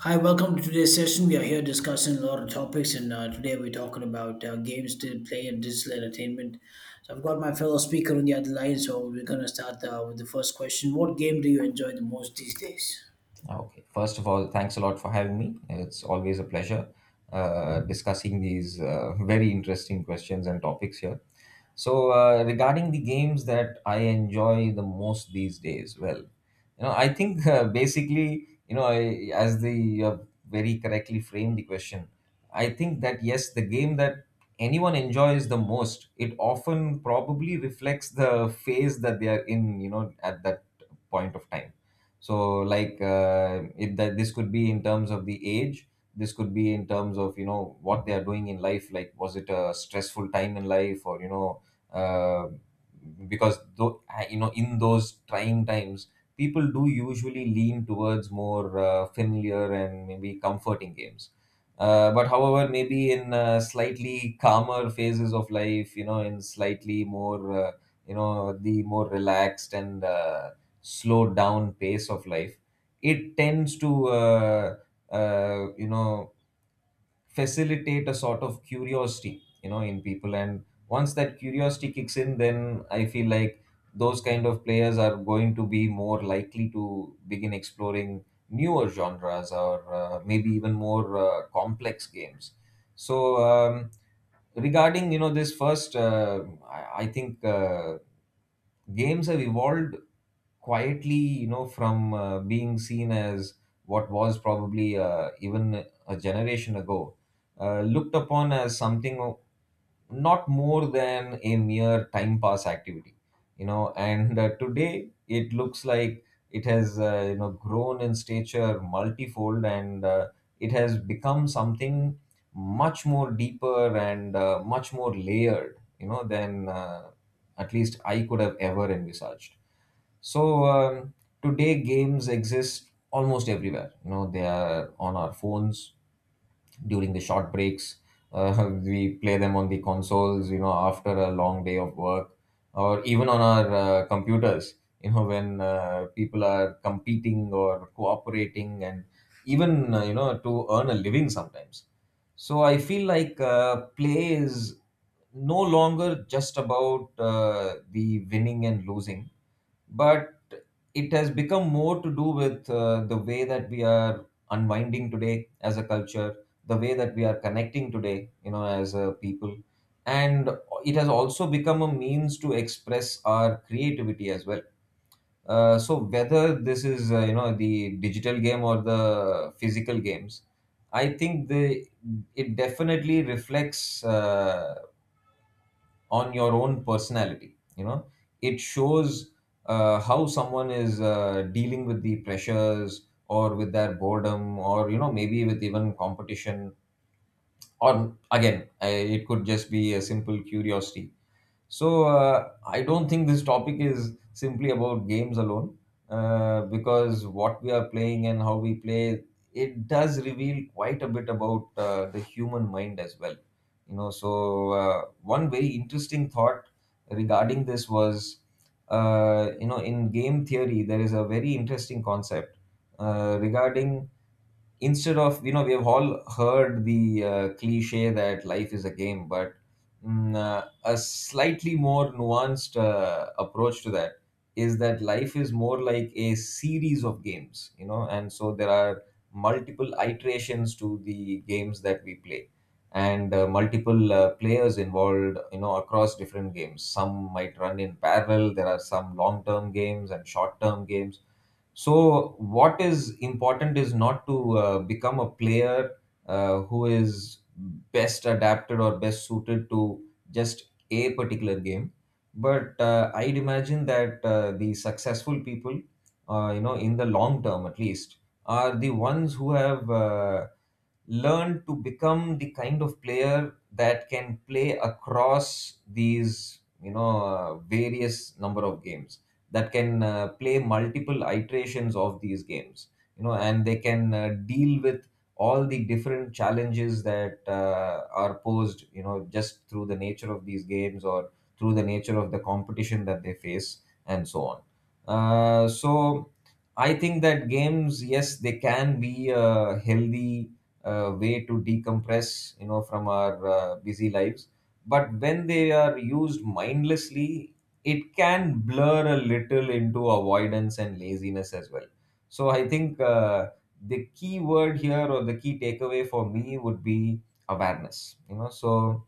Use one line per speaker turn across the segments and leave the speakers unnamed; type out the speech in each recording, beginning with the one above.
Hi, welcome to today's session. We are here discussing a lot of topics, and today we're talking about games to play and digital entertainment. So, I've got my fellow speaker on the other line, so we're going to start with the first question. What game do you enjoy the most these days?
Okay. First of all, thanks a lot for having me. It's always a pleasure discussing these very interesting questions and topics here. So, regarding the games that I enjoy the most these days, well, you know, I think basically, you know, as the you have very correctly framed the question, I think that yes, the game that anyone enjoys the most, it often probably reflects the phase that they are in, you know, at that point of time. So like it that this could be in terms of the age, this could be in terms of, you know, what they are doing in life, like was it a stressful time in life, or you know, uh, because though, you know, in those trying times people do usually lean towards more familiar and maybe comforting games. But however, maybe in slightly calmer phases of life, you know, in slightly more you know, the more relaxed and slow down pace of life, it tends to you know, facilitate a sort of curiosity, you know, in people, and once that curiosity kicks in, then I feel like those kind of players are going to be more likely to begin exploring newer genres, or maybe even more complex games. So regarding, you know, this first I think games have evolved quietly, you know, from being seen as what was probably even a generation ago looked upon as something not more than a mere time pass activity, you know. And today it looks like it has, you know, grown in stature multifold, and it has become something much more deeper and much more layered, you know, than at least I could have ever envisaged. So today games exist almost everywhere, you know. They are on our phones during the short breaks, we play them on the consoles, you know, after a long day of work, or even on our computers, you know, when people are competing or cooperating, and even, you know, to earn a living sometimes. So I feel like play is no longer just about the winning and losing, but it has become more to do with the way that we are unwinding today as a culture, the way that we are connecting today, you know, as a people, and it has also become a means to express our creativity as well. So whether this is, you know, the digital game or the physical games, I think the it definitely reflects on your own personality, you know. It shows how someone is dealing with the pressures, or with their boredom, or you know, maybe with even competition, or again, it could just be a simple curiosity. So I don't think this topic is simply about games alone, because what we are playing and how we play, it does reveal quite a bit about the human mind as well. You know, so one very interesting thought regarding this was, you know, in game theory there is a very interesting concept regarding, instead of, you know, we have all heard the cliche that life is a game, but a slightly more nuanced approach to that is that life is more like a series of games, you know, and so there are multiple iterations to the games that we play, and multiple players involved, you know, across different games. Some might run in parallel, there are some long term games and short term games. So what is important is not to become a player who is best adapted or best suited to just a particular game, but I'd imagine that the successful people, you know, in the long term at least, are the ones who have learned to become the kind of player that can play across these, you know, various number of games, that can play multiple iterations of these games, you know, and they can deal with all the different challenges that are posed, you know, just through the nature of these games, or through the nature of the competition that they face, and so on. So I think that games, yes, they can be a healthy way to decompress, you know, from our busy lives, but when they are used mindlessly, it can blur a little into avoidance and laziness as well. So I think the key word here, or the key takeaway for me, would be awareness. You know, so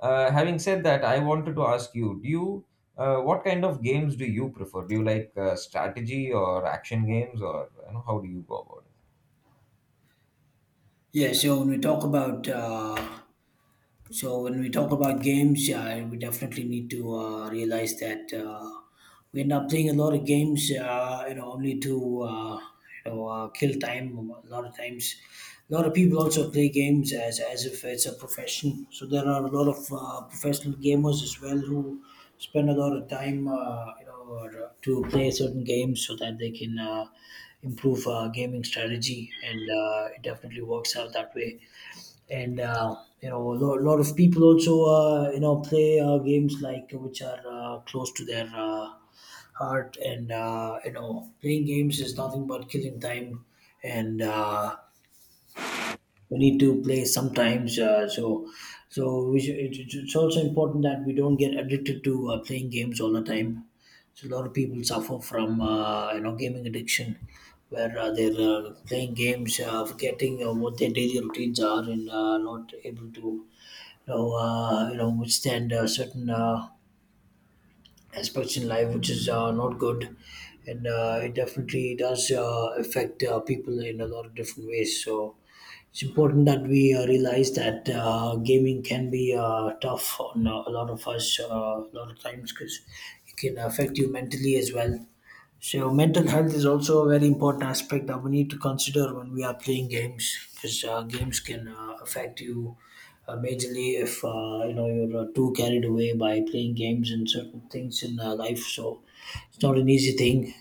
having said that, I wanted to ask you: do you what kind of games do you prefer? Do you like strategy or action games, or you know, how do you go about it?
Yeah, so when we talk about So when we talk about games, we definitely need to realize that we end up playing a lot of games, you know, only to kill time. A lot of times, a lot of people also play games as if it's a profession. So there are a lot of professional gamers as well who spend a lot of time, you know, to play certain games so that they can. Improve gaming strategy, and it definitely works out that way. And you know, a lot of people also you know play games like which are close to their heart, and you know, playing games is nothing but killing time, and we need to play sometimes. So we should, it's also important that we don't get addicted to playing games all the time. So a lot of people suffer from you know gaming addiction, where they're playing games, forgetting what their daily routines are, and not able to you you know withstand certain aspects in life, which is not good. And it definitely does affect people in a lot of different ways. So it's important that we realize that gaming can be tough on a lot of us a lot of times because it can affect you mentally as well. So mental health is also a very important aspect that we need to consider when we are playing games because games can affect you majorly if you know you're too carried away by playing games and certain things in life. So it's not an easy thing.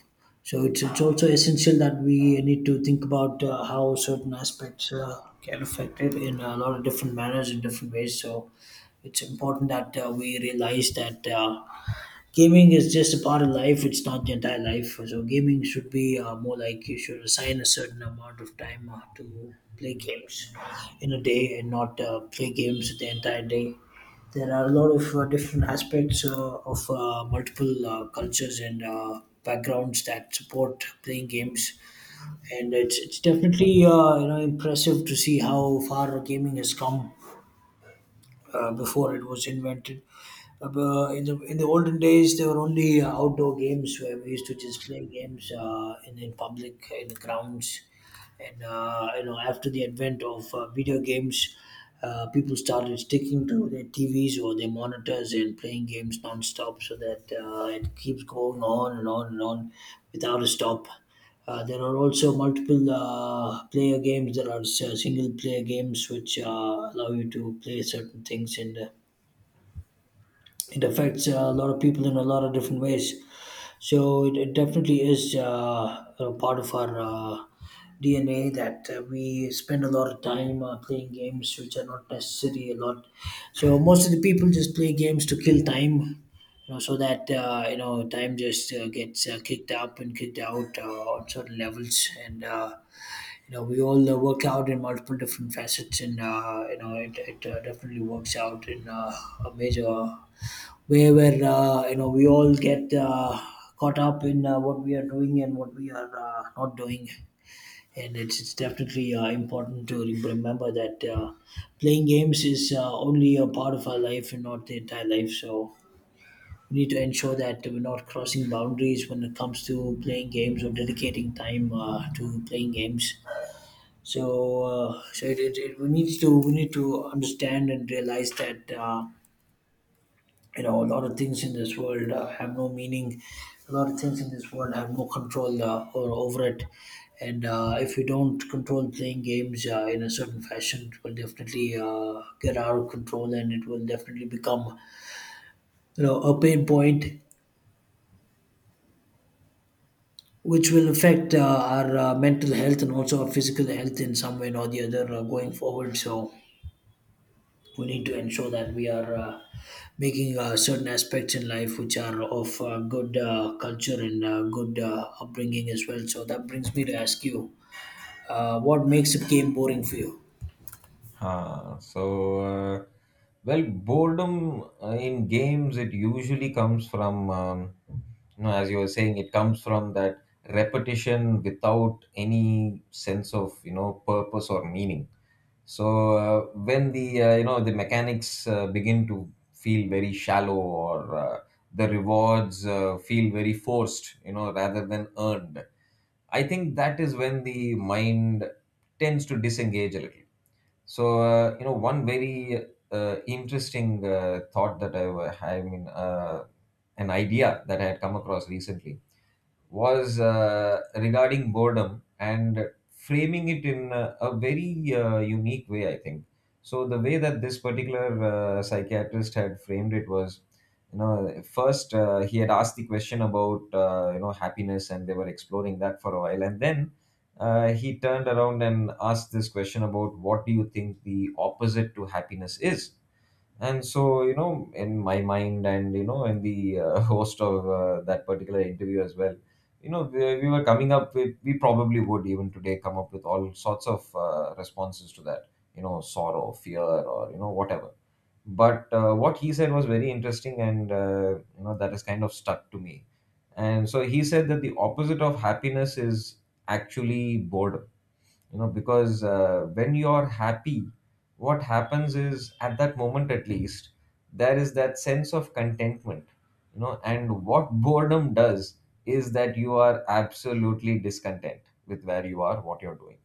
So it's also essential that we need to think about how certain aspects can affect it in a lot of different manners in different ways. So it's important that we realize that. Gaming is just a part of life. It's not the entire life, so gaming should be more like you should assign a certain amount of time to play games in a day and not play games the entire day. There are a lot of different aspects of multiple cultures and backgrounds that support playing games, and it's definitely you know impressive to see how far gaming has come before it was invented. In the in the olden days, there were only outdoor games where we used to just play games in public in the grounds, and you know after the advent of video games. People started sticking to their TVs or their monitors and playing games non-stop so that it keeps going on and on and on without a stop. There are also multiple player games. Single player games which allow you to play certain things, and it affects a lot of people in a lot of different ways. So it definitely is a part of our DNA that we spend a lot of time playing games which are not necessary a lot. So most of the people just play games to kill time, you know, so that you know time just gets kicked up and kicked out on certain levels, and you know we all work out in multiple different facets, and you know it, it definitely works out in a major way where you know we all get caught up in what we are doing and what we are not doing. And it's definitely important to remember that playing games is only a part of our life and not the entire life, so we need to ensure that we're not crossing boundaries when it comes to playing games or dedicating time to playing games. We need to understand and realize that you know a lot of things in this world have no meaning. A lot of things in this world have no control or over it, and if we don't control playing games in a certain fashion, it will definitely get out of control, and it will definitely become you know a pain point which will affect our mental health and also our physical health in some way or the other going forward. So we need to ensure that we are making certain aspects in life which are of good culture and good upbringing as well. So that brings me to ask you, what makes a game boring for you?
Huh. So, uh, well, boredom in games, it usually comes from, you know, as you were saying, it comes from that repetition without any sense of, you know, purpose or meaning. So when the, you know, the mechanics begin to feel very shallow, or the rewards feel very forced, you know, rather than earned. I think that is when the mind tends to disengage a little. So, you know, one very interesting thought that I mean, an idea that I had come across recently was regarding boredom, and framing it in a very unique way, I think. So, the way that this particular psychiatrist had framed it was, you know, first he had asked the question about, you know, happiness, and they were exploring that for a while. And then he turned around and asked this question about, what do you think the opposite to happiness is? And so, you know, in my mind, and you know, in the host of that particular interview as well, you know, we were coming up with, we probably would even today come up with, all sorts of responses to that, you know, sorrow, fear, or you know, whatever. But what he said was very interesting, and you know, that has kind of stuck to me. And so he said that the opposite of happiness is actually boredom, you know, because when you're happy, what happens is, at that moment at least, there is that sense of contentment, you know. And what boredom does is that you are absolutely discontent with where you are, what you're doing,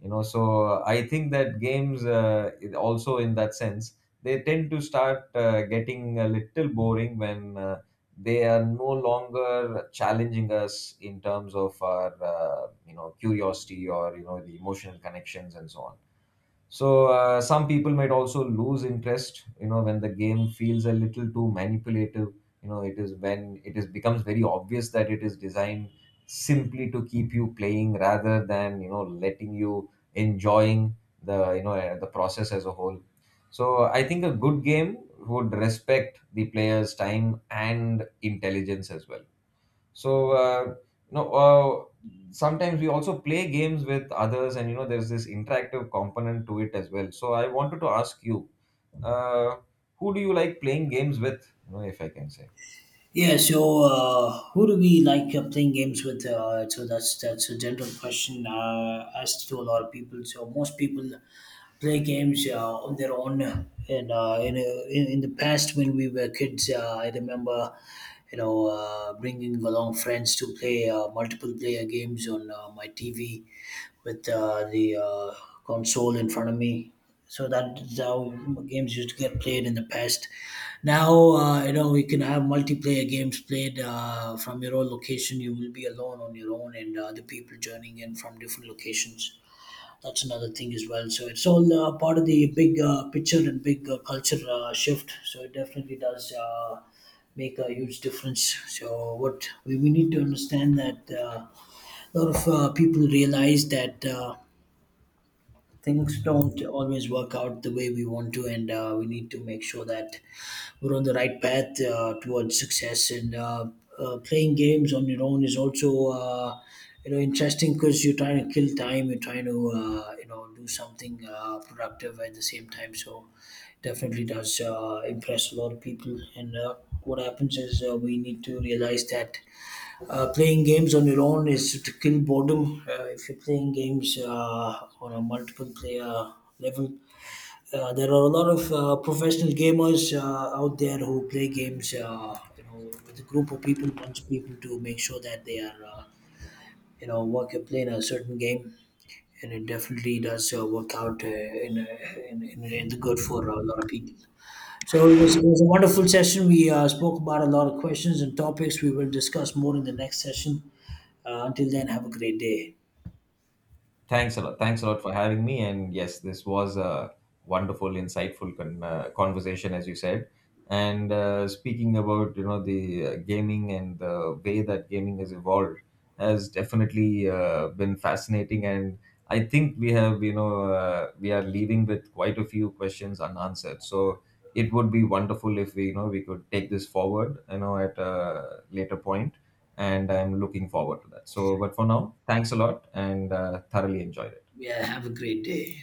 you know. So I think that games, it also, in that sense, they tend to start getting a little boring when they are no longer challenging us in terms of our, you know, curiosity, or you know, the emotional connections, and so on. So some people might also lose interest, you know, when the game feels a little too manipulative. You know, it is when it is becomes very obvious that it is designed simply to keep you playing, rather than, you know, letting you enjoying the, you know, the process as a whole. So I think a good game would respect the player's time and intelligence as well. So no sometimes we also play games with others, and you know, there's this interactive component to it as well. So I wanted to ask you, uh, who do you like playing games with, you know, if I can say.
Yeah, so who do we like playing games with? So that's a general question asked to a lot of people. So most people play games on their own. And in the past, when we were kids, I remember, you know, bringing along friends to play multiple player games on my TV with the console in front of me. So that is how games used to get played in the past. Now, you know, you can have multiplayer games played from your own location. You will be alone on your own, and other people joining in from different locations. That's another thing as well. So it's all part of the big picture and big culture shift. So it definitely does make a huge difference. So what we need to understand that a lot of people realize that things don't always work out the way we want to, and we need to make sure that we're on the right path towards success. And Playing games on your own is also, you know, interesting because you're trying to kill time. You're trying to, you know, do something productive at the same time. So definitely does impress a lot of people. And what happens is we need to realize that playing games on your own is to kill boredom. If you're playing games on a multiple player level, there are a lot of professional gamers out there who play games, you know, with a group of people, bunch of people to make sure that they are, you know, work playing a certain game, and it definitely does work out in the good for a lot of people. So it was a wonderful session. We spoke about a lot of questions and topics. We will discuss more in the next session. Until then, have a great day.
Thanks a lot. Thanks a lot for having me. And yes, this was a wonderful, insightful conversation, as you said. And speaking about, you know, the gaming, and the way that gaming has evolved has definitely been fascinating. And I think we have, you know, we are leaving with quite a few questions unanswered. So it would be wonderful if we, you know, we could take this forward, you know, at a later point, and I'm looking forward to that. So, but for now, thanks a lot, and thoroughly enjoyed it.
Yeah, have a great day.